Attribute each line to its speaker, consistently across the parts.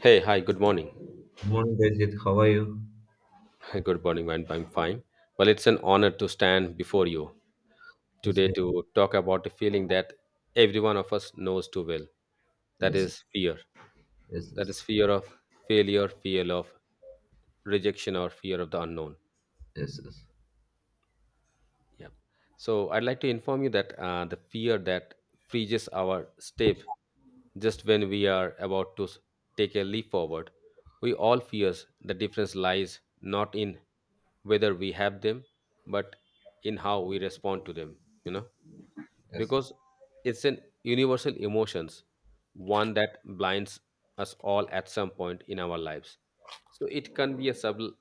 Speaker 1: Hey, hi, good morning.
Speaker 2: Good morning, Gurjit. How are you?
Speaker 1: Good morning, man. I'm fine. Well, it's an honor to stand before you
Speaker 2: Yes,
Speaker 1: today
Speaker 2: good.
Speaker 1: to talk about a feeling that every one of us knows too well. That
Speaker 2: Yes,
Speaker 1: is fear.
Speaker 2: yes,
Speaker 1: That
Speaker 2: yes,
Speaker 1: is fear of failure, fear of rejection, or fear of the unknown.
Speaker 2: yes, yes,
Speaker 1: Yeah. So I'd like to inform you that the fear that freezes our step just when we are about to take a leap forward, we all fears. The difference lies not in whether we have them, but in how we respond to them. You know,
Speaker 2: yes. Yes.
Speaker 1: because it's an universal emotions, one that blinds us all at some point in our lives. So it can be a subtle,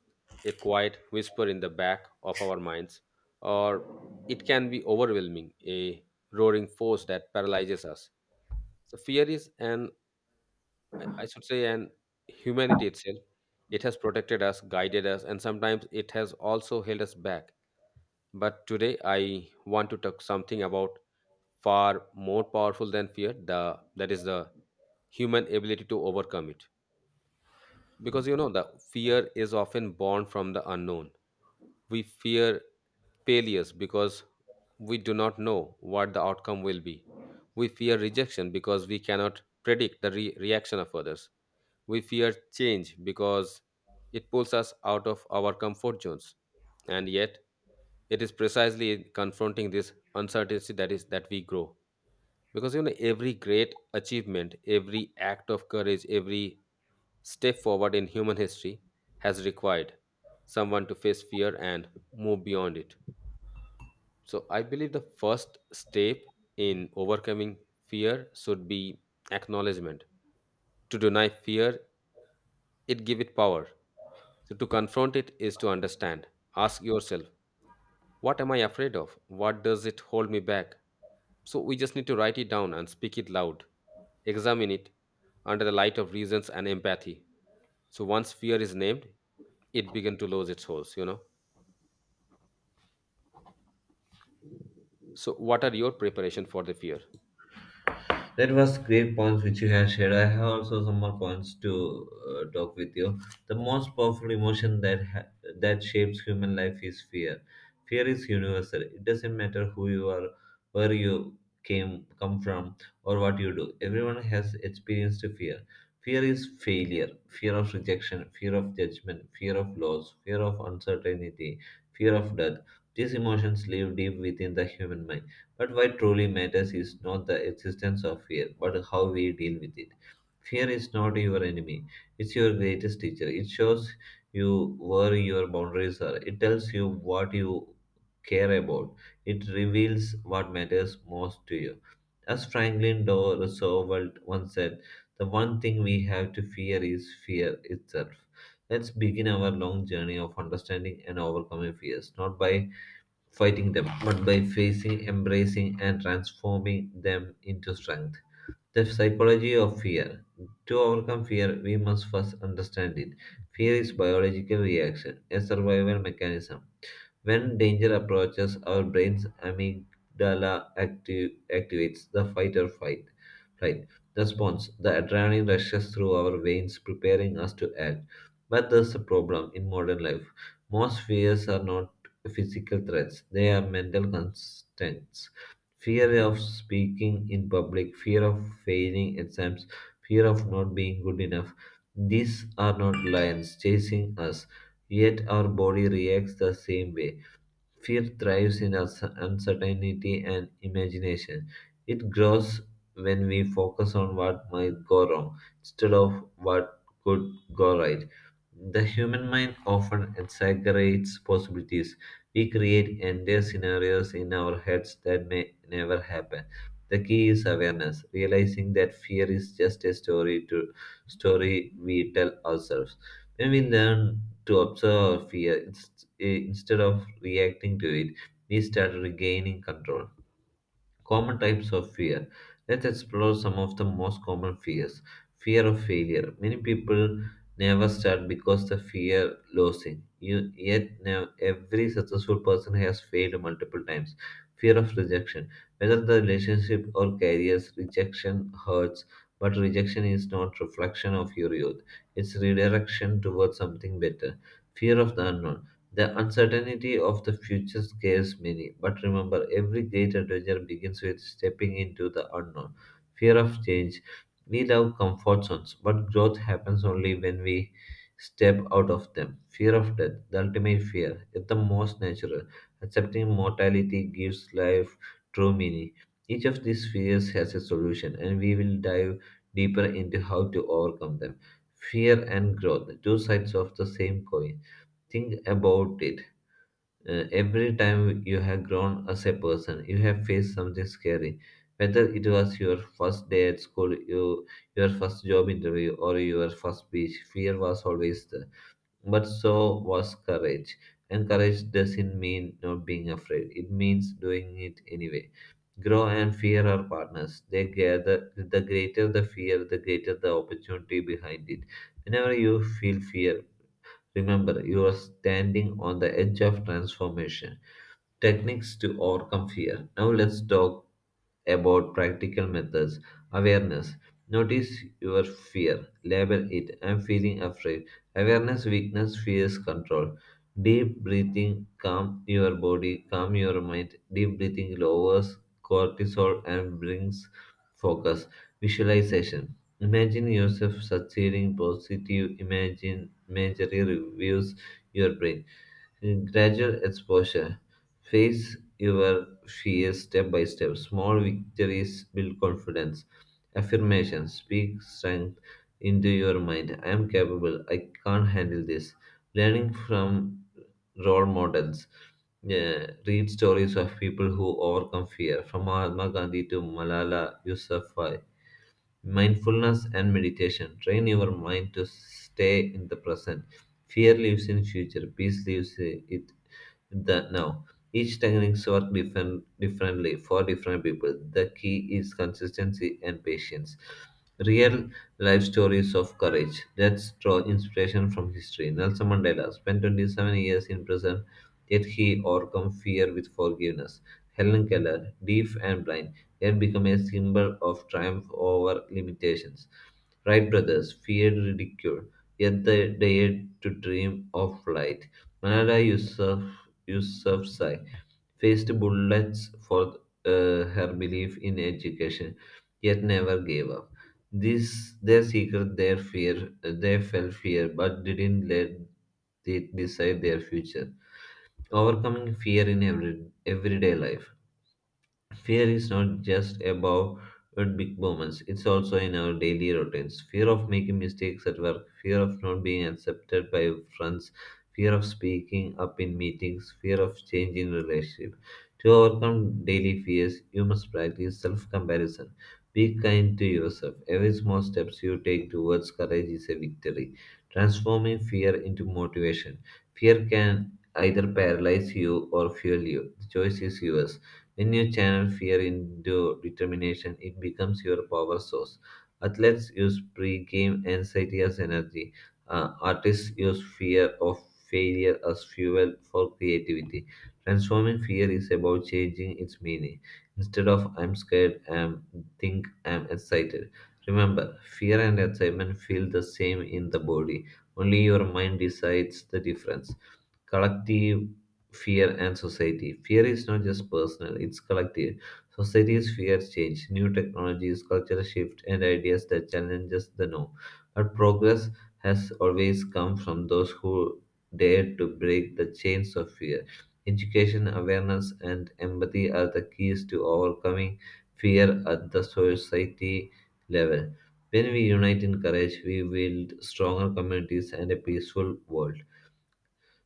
Speaker 1: a quiet whisper in the back of our minds, or it can be overwhelming, a roaring force that paralyzes us. So fear is an, I should say, an humanity itself. It has protected us, guided us, and sometimes it has also held us back. But today I want to talk something about far more powerful than fear, the that is the human ability to overcome it. Because you know, the fear is often born from the unknown. We fear failures because we do not know what the outcome will be. We fear rejection because we cannot predict the reaction of others. We fear change because it pulls us out of our comfort zones. And yet it is precisely in confronting this uncertainty that we grow. Because you know, every great achievement, every act of courage, every step forward in human history has required someone to face fear and move beyond it. So I believe the first step in overcoming fear should be acknowledgement. To deny fear, it give it power. So to confront it is to understand. Ask yourself, what am I afraid of, what does it hold me back? So we just need to write it down and speak it loud, examine it under the light of reasons and empathy. So once fear is named, it began to lose its holes, you know. So what are your preparation for the fear?
Speaker 2: That was great points which you have shared. I have also some more points to talk with you. The most powerful emotion that that shapes human life is fear. Fear is universal. It doesn't matter who you are, where you came come from, or what you do. Everyone has experienced fear. Fear is failure, fear of rejection, fear of judgment, fear of loss, fear of uncertainty, fear of death. These emotions live deep within the human mind, but what truly matters is not the existence of fear, but how we deal with it. Fear is not your enemy, it's your greatest teacher. It shows you where your boundaries are, it tells you what you care about, it reveals what matters most to you. As Franklin Doe Roosevelt once said, the one thing we have to fear is fear itself. Let's begin our long journey of understanding and overcoming fears, not by fighting them, but by facing, embracing, and transforming them into strength. The psychology of fear. To overcome fear, we must first understand it. Fear is biological reaction, a survival mechanism. When danger approaches, our brain's amygdala activates the fight or fight flight response. The adrenaline rushes through our veins, preparing us to act. But there's a problem in modern life. Most fears are not physical threats; they are mental constraints. Fear of speaking in public, fear of failing exams, fear of not being good enough. These are not lions chasing us, yet our body reacts the same way. Fear thrives in uncertainty and imagination. It grows when we focus on what might go wrong instead of what could go right. The human mind often exaggerates possibilities. We create entire scenarios in our heads that may never happen. The key is awareness, realizing that fear is just a story we tell ourselves. When we learn to observe our fear instead of reacting to it, we start regaining control. Common types of fear. Let's explore some of the most common fears. Fear of failure. Many people never start because they fear losing. Yet now every successful person has failed multiple times. Fear of rejection. Whether the relationship or careers, rejection hurts. But rejection is not reflection of your youth. It's redirection towards something better. Fear of the unknown. The uncertainty of the future scares many, but remember, every great adventure begins with stepping into the unknown. Fear of change. We love comfort zones, but growth happens only when we step out of them. Fear of death, the ultimate fear, is the most natural. Accepting mortality gives life true meaning. Each of these fears has a solution, and we will dive deeper into how to overcome them. Fear and growth, two sides of the same coin. Think about it. Every time you have grown as a person, you have faced something scary. Whether it was your first day at school, your first job interview, or your first speech, fear was always there. But so was courage. And courage doesn't mean not being afraid, it means doing it anyway. Grow and fear are partners. They gather, the greater the fear, the greater the opportunity behind it. Whenever you feel fear, remember, you are standing on the edge of transformation. Techniques to overcome fear. Now let's talk about practical methods. Awareness. Notice your fear. Label it. I'm feeling afraid. Awareness, weakness, fears, control. Deep breathing, calm your body, calm your mind. Deep breathing lowers cortisol and brings focus. Visualization. Imagine yourself succeeding. Positive imagine imagery reviews your brain. Gradual exposure. Face your fears step by step. Small victories build confidence. Affirmations speak strength into your mind. I am capable. I can't handle this. Learning from role models. Yeah, read stories of people who overcome fear, from Mahatma Gandhi to Malala Yousafzai. Mindfulness and meditation train your mind to stay in the present. Fear lives in future, peace lives it in the now. Each techniques work differently for different people. The key is consistency and patience. Real life stories of courage. Let's draw inspiration from history. Nelson Mandela spent 27 years in prison, yet he overcome fear with forgiveness. Helen Keller, deaf and blind, and become a symbol of triumph over limitations. Wright brothers feared ridicule, yet they dared to dream of flight. Malala Yusuf, Yousafzai faced bullets for her belief in education, yet never gave up. This their secret, their fear, they felt fear, but didn't let it decide their future. Overcoming fear in everyday life. Fear is not just about big moments, it's also in our daily routines. Fear of making mistakes at work, fear of not being accepted by friends, fear of speaking up in meetings, fear of changing relationship. To overcome daily fears, you must practice self-comparison. Be kind to yourself. Every small steps you take towards courage is a victory. Transforming fear into motivation. Fear can either paralyze you or fuel you. The choice is yours. When you channel fear into determination, it becomes your power source. Athletes use pre-game anxiety as energy. Artists use fear of failure as fuel for creativity. Transforming fear is about changing its meaning. Instead of I'm scared, I'm think I'm excited. Remember, fear and excitement feel the same in the body. Only your mind decides the difference. Collective fear and society. Fear is not just personal, it's collective. Societies fear change, new technologies, cultural shift, and ideas that challenges the norm. But progress has always come from those who dare to break the chains of fear. Education, awareness, and empathy are the keys to overcoming fear at the society level. When we unite in courage, we build stronger communities and a peaceful world.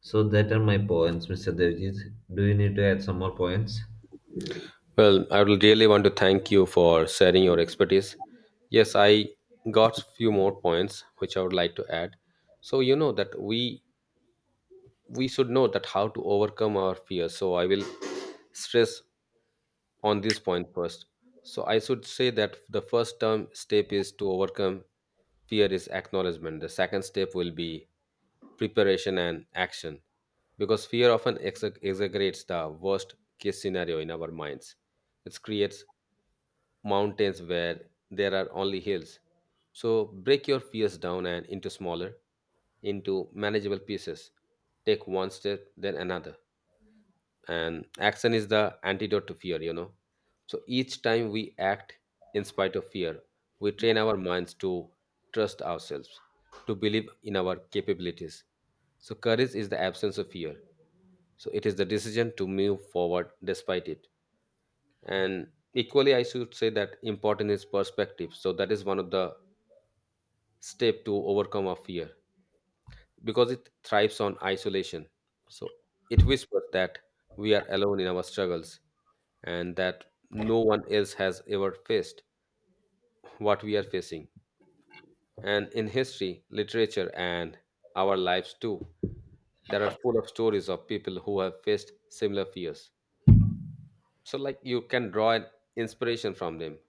Speaker 2: So that are my points, Mr. Devjit. Do you need to add some more points?
Speaker 1: Well, I would really want to thank you for sharing your expertise. Yes, I got few more points which I would like to add. So you know that we should know that how to overcome our fears. So I will stress on this point first. So I should say that the first term step is to overcome fear is acknowledgement. The second step will be preparation and action, because fear often exaggerates the worst case scenario in our minds. It creates mountains where there are only hills. So break your fears down and into smaller, into manageable pieces. Take one step, then another, and action is the antidote to fear, you know. So each time we act in spite of fear, we train our minds to trust ourselves, to believe in our capabilities. So courage is the absence of fear, so it is the decision to move forward despite it. And equally, I should say that important is perspective, so that is one of the step to overcome our fear, because it thrives on isolation. So it whispers that we are alone in our struggles, and that no one else has ever faced what we are facing. And in history, literature, and our lives too, there are full of stories of people who have faced similar fears. So, like, you can draw an inspiration from them.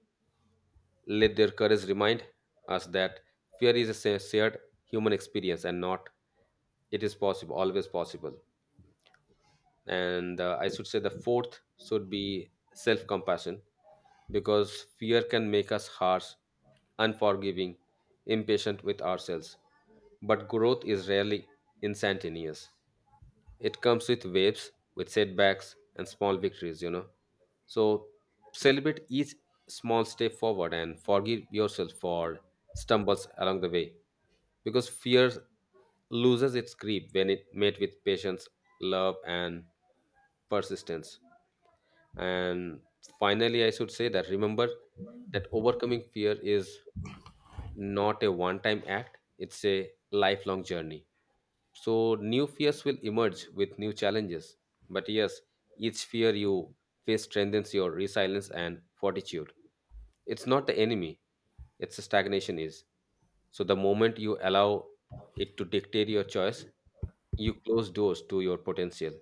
Speaker 1: Let their courage remind us that fear is a shared human experience, and not, it is possible, always possible. And I should say the fourth should be self compassion, because fear can make us harsh, unforgiving, impatient with ourselves. But growth is rarely instantaneous. It comes with waves, with setbacks and small victories, you know. So celebrate each small step forward and forgive yourself for stumbles along the way, because fear loses its grip when it met with patience, love, and persistence. And finally, I should say that remember that overcoming fear is not a one time act, it's a lifelong journey. So, new fears will emerge with new challenges. But yes, each fear you face strengthens your resilience and fortitude. It's not the enemy, it's a stagnation is. So, the moment you allow it to dictate your choice, you close doors to your potential.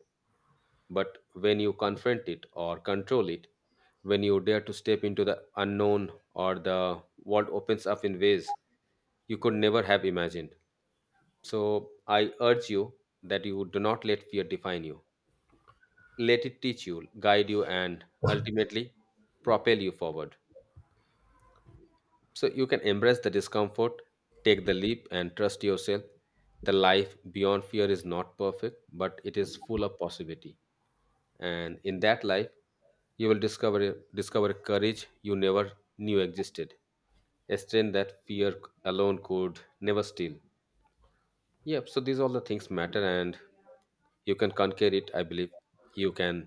Speaker 1: But when you confront it or control it, when you dare to step into the unknown, or the world opens up in ways you could never have imagined. So I urge you that you do not let fear define you. Let it teach you, guide you, and ultimately propel you forward. So you can embrace the discomfort, take the leap, and trust yourself. The life beyond fear is not perfect, but it is full of possibility. And in that life you will discover courage you never knew existed, a strength that fear alone could never steal. Yep. So these all the things matter, and you can conquer it. I believe you can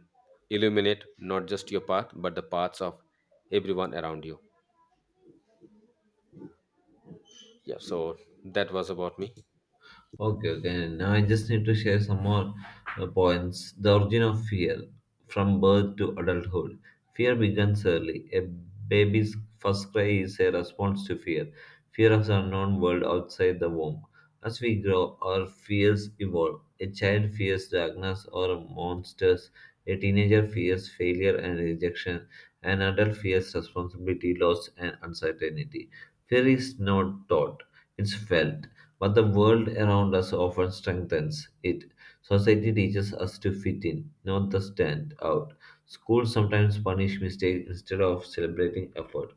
Speaker 1: illuminate not just your path but the paths of everyone around you. Yeah. So that was about me.
Speaker 2: Okay, okay. Now I just need to share some more points. The origin of fear from birth to adulthood. Fear begins early. A baby's first cry is a response to fear, fear of the unknown world outside the womb. As we grow, our fears evolve. A child fears darkness or monsters. A teenager fears failure and rejection. An adult fears responsibility, loss, and uncertainty. Fear is not taught, it's felt. But the world around us often strengthens it. Society teaches us to fit in, not to stand out. Schools sometimes punish mistakes instead of celebrating effort.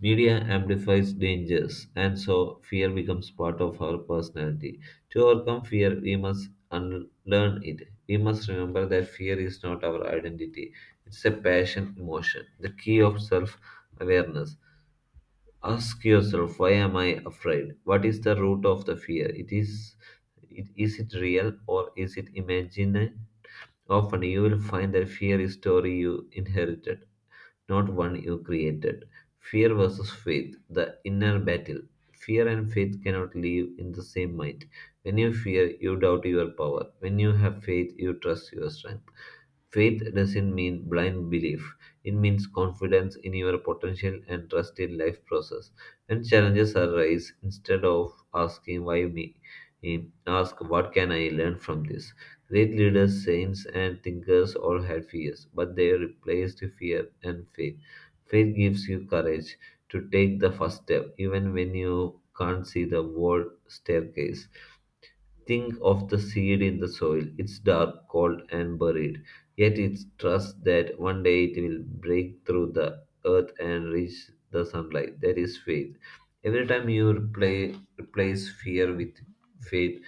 Speaker 2: Media amplifies dangers, and so fear becomes part of our personality. To overcome fear, we must unlearn it. We must remember that fear is not our identity, it's a passion emotion, the key of self awareness. Ask yourself, why am I afraid? What is the root of the fear? Is it real or is it imagined? Often you will find that fear is story you inherited, not one you created. Fear versus faith, the inner battle. Fear and faith cannot live in the same mind. When you fear, you doubt your power. When you have faith, you trust your strength. Faith doesn't mean blind belief. It means confidence in your potential and trust in life process. When challenges arise, instead of asking why me, eh, ask what can I learn from this. Great leaders, saints, and thinkers all had fears, but they replaced fear and faith. Faith gives you courage to take the first step, even when you can't see the world staircase. Think of the seed in the soil. It's dark, cold, and buried. Yet it trusts that one day it will break through the earth and reach the sunlight. That is faith. Every time you replace fear with faith,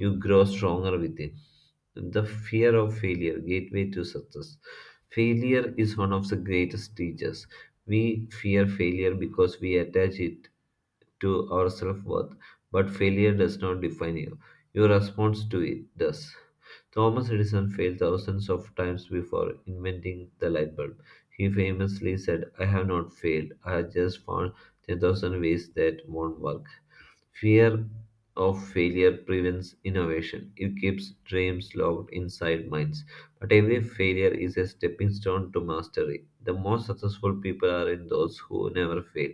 Speaker 2: you grow stronger within. The fear of failure, gateway to success. Failure is one of the greatest teachers. We fear failure because we attach it to our self-worth, but failure does not define you. Your response to it does. Thomas Edison failed thousands of times before inventing the light bulb. He famously said, I have not failed, I have just found 10,000 ways that won't work. Fear of failure prevents innovation. It keeps dreams locked inside minds. But every failure is a stepping stone to mastery. The most successful people are in those who never fail.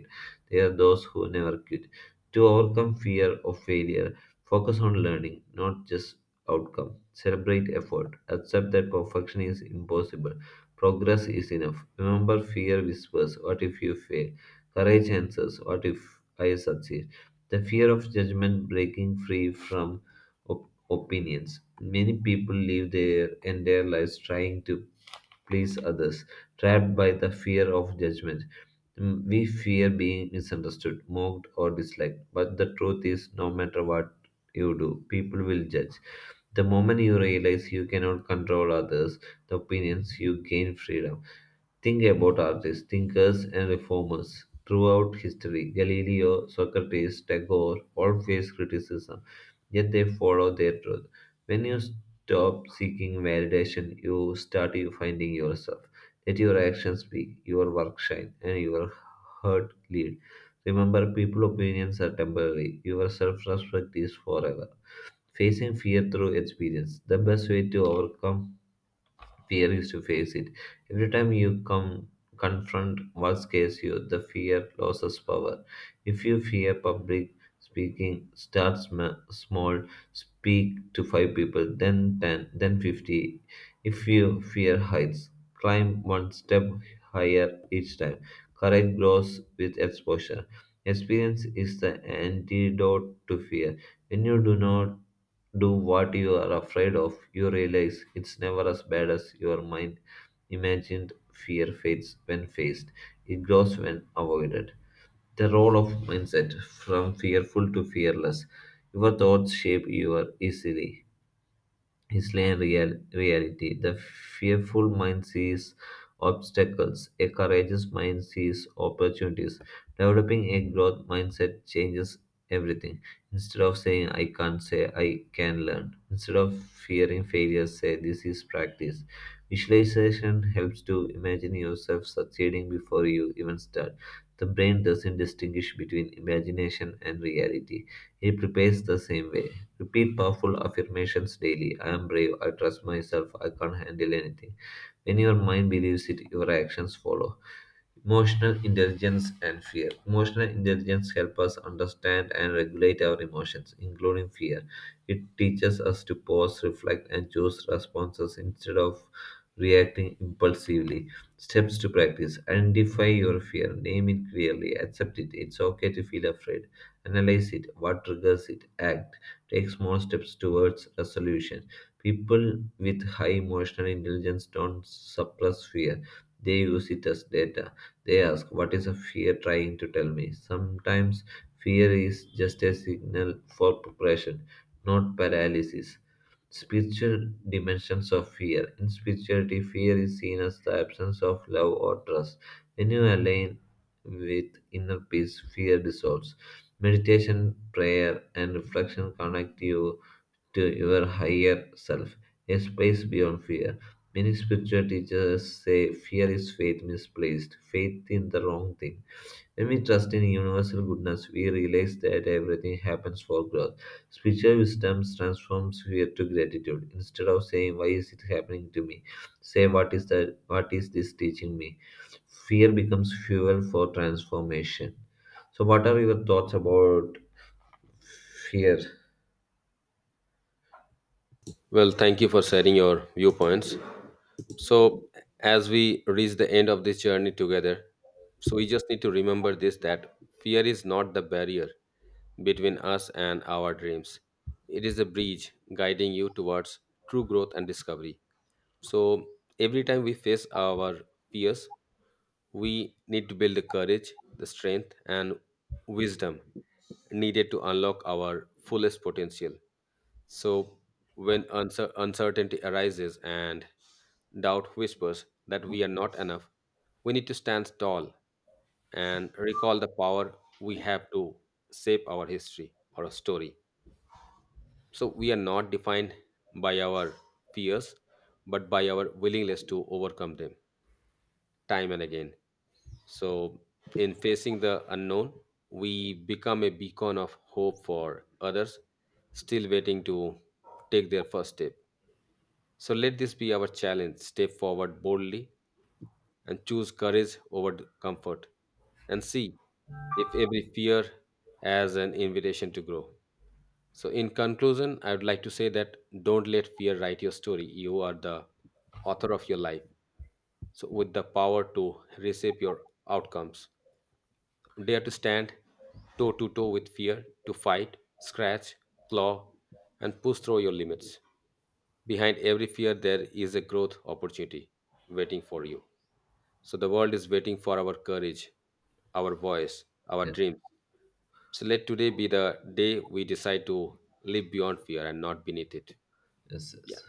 Speaker 2: They are those who never quit. To overcome fear of failure, focus on learning, not just outcome. Celebrate effort. Accept that perfection is impossible. Progress is enough. Remember, fear whispers, what if you fail? Courage answers, what if I succeed? The fear of judgment, breaking free from opinions. Many people live their entire lives trying to please others, trapped by the fear of judgment. We fear being misunderstood, mocked, or disliked. But the truth is, no matter what you do, people will judge. The moment you realize you cannot control others, the opinions, you gain freedom. Think about artists, thinkers, and reformers throughout history. Galileo, Socrates, Tagore all faced criticism, yet they followed their truth. When you stop seeking validation, you start you finding yourself. Let your actions speak, your work shine, and your heart lead. Remember, people opinions are temporary. Your self-respect is forever. Facing fear through experience, the best way to overcome fear is to face it. Every time you come confront what scares you, the fear loses power. If you fear public speaking, start small, speak to five people, then 10, then 50. If you fear heights, climb one step higher each time. Courage grows with exposure. Experience is the antidote to fear. When you do not do what you are afraid of, you realize it's never as bad as your mind imagined. Fear fades when faced, it grows when avoided. The role of mindset from fearful to fearless. Your thoughts shape your easily his lane real, reality. The fearful mind sees obstacles, a courageous mind sees opportunities. Developing a growth mindset changes everything. Instead of saying I can't, say I can learn. Instead of fearing failure, say this is practice. Visualization helps to imagine yourself succeeding before you even start. The brain doesn't distinguish between imagination and reality. It prepares the same way. Repeat powerful affirmations daily I am brave, I trust myself, I can handle anything. When your mind believes it, your actions follow. Emotional intelligence and fear. Emotional intelligence helps us understand and regulate our emotions, including fear. It teaches us to pause, reflect, and choose responses instead of reacting impulsively. Steps to practice identify your fear, name it clearly, accept it. It's okay to feel afraid, analyze it, what triggers it, act. Take small steps towards resolution. People with high emotional intelligence don't suppress fear, they use it as data. They ask, what is a fear trying to tell me? Sometimes fear is just a signal for preparation, not paralysis. Spiritual dimensions of fear. In spirituality, fear is seen as the absence of love or trust. When you align with inner peace, fear dissolves. Meditation, prayer, and reflection connect you to your higher self, a space beyond fear. Many spiritual teachers say fear is faith misplaced, faith in the wrong thing. When we trust in universal goodness, we realize that everything happens for growth. Spiritual wisdom transforms fear to gratitude. Instead of saying why is it happening to me, say what is this teaching me? Fear becomes fuel for transformation. So what are your thoughts about fear?
Speaker 1: Well, thank you for sharing your viewpoints. So, as we reach the end of this journey together, so we just need to remember this that fear is not the barrier between us and our dreams. It is a bridge guiding you towards true growth and discovery. So, every time we face our fears, we need to build the courage, the strength, and wisdom needed to unlock our fullest potential. So, when uncertainty arises and doubt whispers that we are not enough, we need to stand tall and recall the power we have to shape our story. So, we are not defined by our fears, but by our willingness to overcome them time and again. So, in facing the unknown, we become a beacon of hope for others still waiting to take their first step. So let this be our challenge. Step forward boldly and choose courage over comfort, and see if every fear has an invitation to grow. So, in conclusion, I would like to say that don't let fear write your story. You are the author of your life. So, with the power to reshape your outcomes. Dare to stand toe to toe with fear, to fight, scratch, claw, and push through your limits. Behind every fear, there is a growth opportunity waiting for you. So the world is waiting for our courage, our voice, our
Speaker 2: Yes,
Speaker 1: dreams. So let today be the day we decide to live beyond fear and not beneath it.
Speaker 2: yes,
Speaker 1: Yeah,
Speaker 2: yes.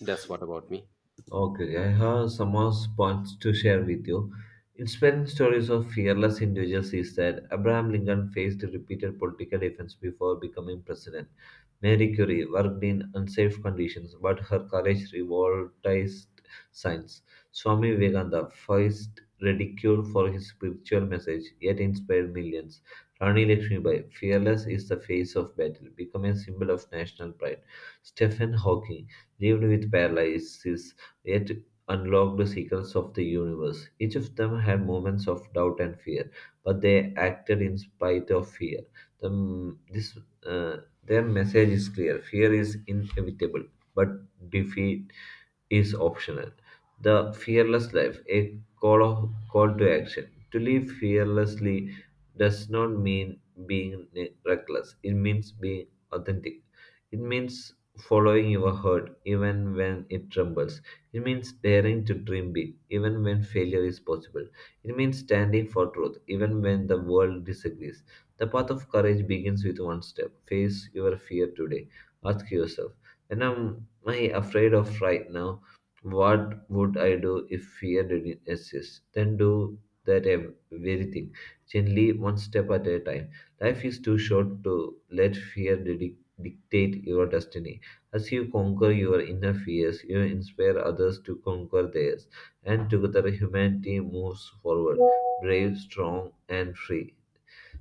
Speaker 1: that's what about me.
Speaker 2: Okay, I have some more points to share with you. Inspiring stories of fearless individuals is that Abraham Lincoln faced repeated political defense before becoming president. Marie Curie worked in unsafe conditions, but her courage revoltized science. Swami Vivekananda faced ridicule for his spiritual message, yet inspired millions. Rani Lakshmibai, fearless is the face of battle, become a symbol of national pride. Stephen Hawking lived with paralysis yet unlocked the secrets of the universe. Each of them had moments of doubt and fear, but they acted in spite of fear. The, m- this, uh, their message is clear fear is inevitable, but defeat is optional. The fearless life, a call to action. To live fearlessly does not mean being reckless, it means being authentic. It means following your heart even when it trembles it means daring to dream big, even when failure is possible. It means standing for truth, even when the world disagrees. The path of courage begins with one step. Face your fear today. Ask yourself, when am I afraid of right now? What would I do if fear didn't exist? Then do that very thing, gently, one step at a time. Life is too short to let fear dictate your destiny. As you conquer your inner fears, you inspire others to conquer theirs, and together humanity moves forward, brave, strong, and free.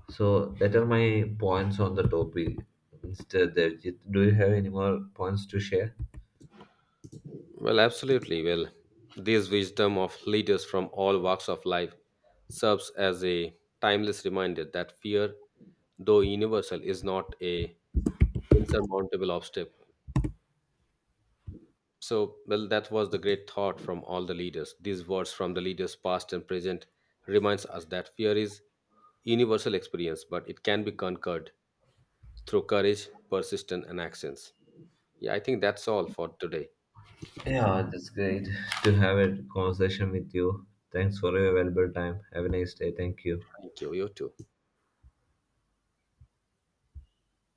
Speaker 2: So, that are my points on the topic. Mr. Devjit, do you have any more points to share?
Speaker 1: Well, absolutely. Well, this wisdom of leaders from all walks of life serves as a timeless reminder that fear, though universal, is not a insurmountable obstacle. So, well, that was the great thought from all the leaders. These words from the leaders, past and present, reminds us that fear is universal experience, but it can be conquered through courage, persistence, and actions. Yeah, I think that's all for today.
Speaker 2: Yeah, that's great to have a conversation with you. Thanks for your valuable time. Have a nice day. Thank you.
Speaker 1: Thank you. You too.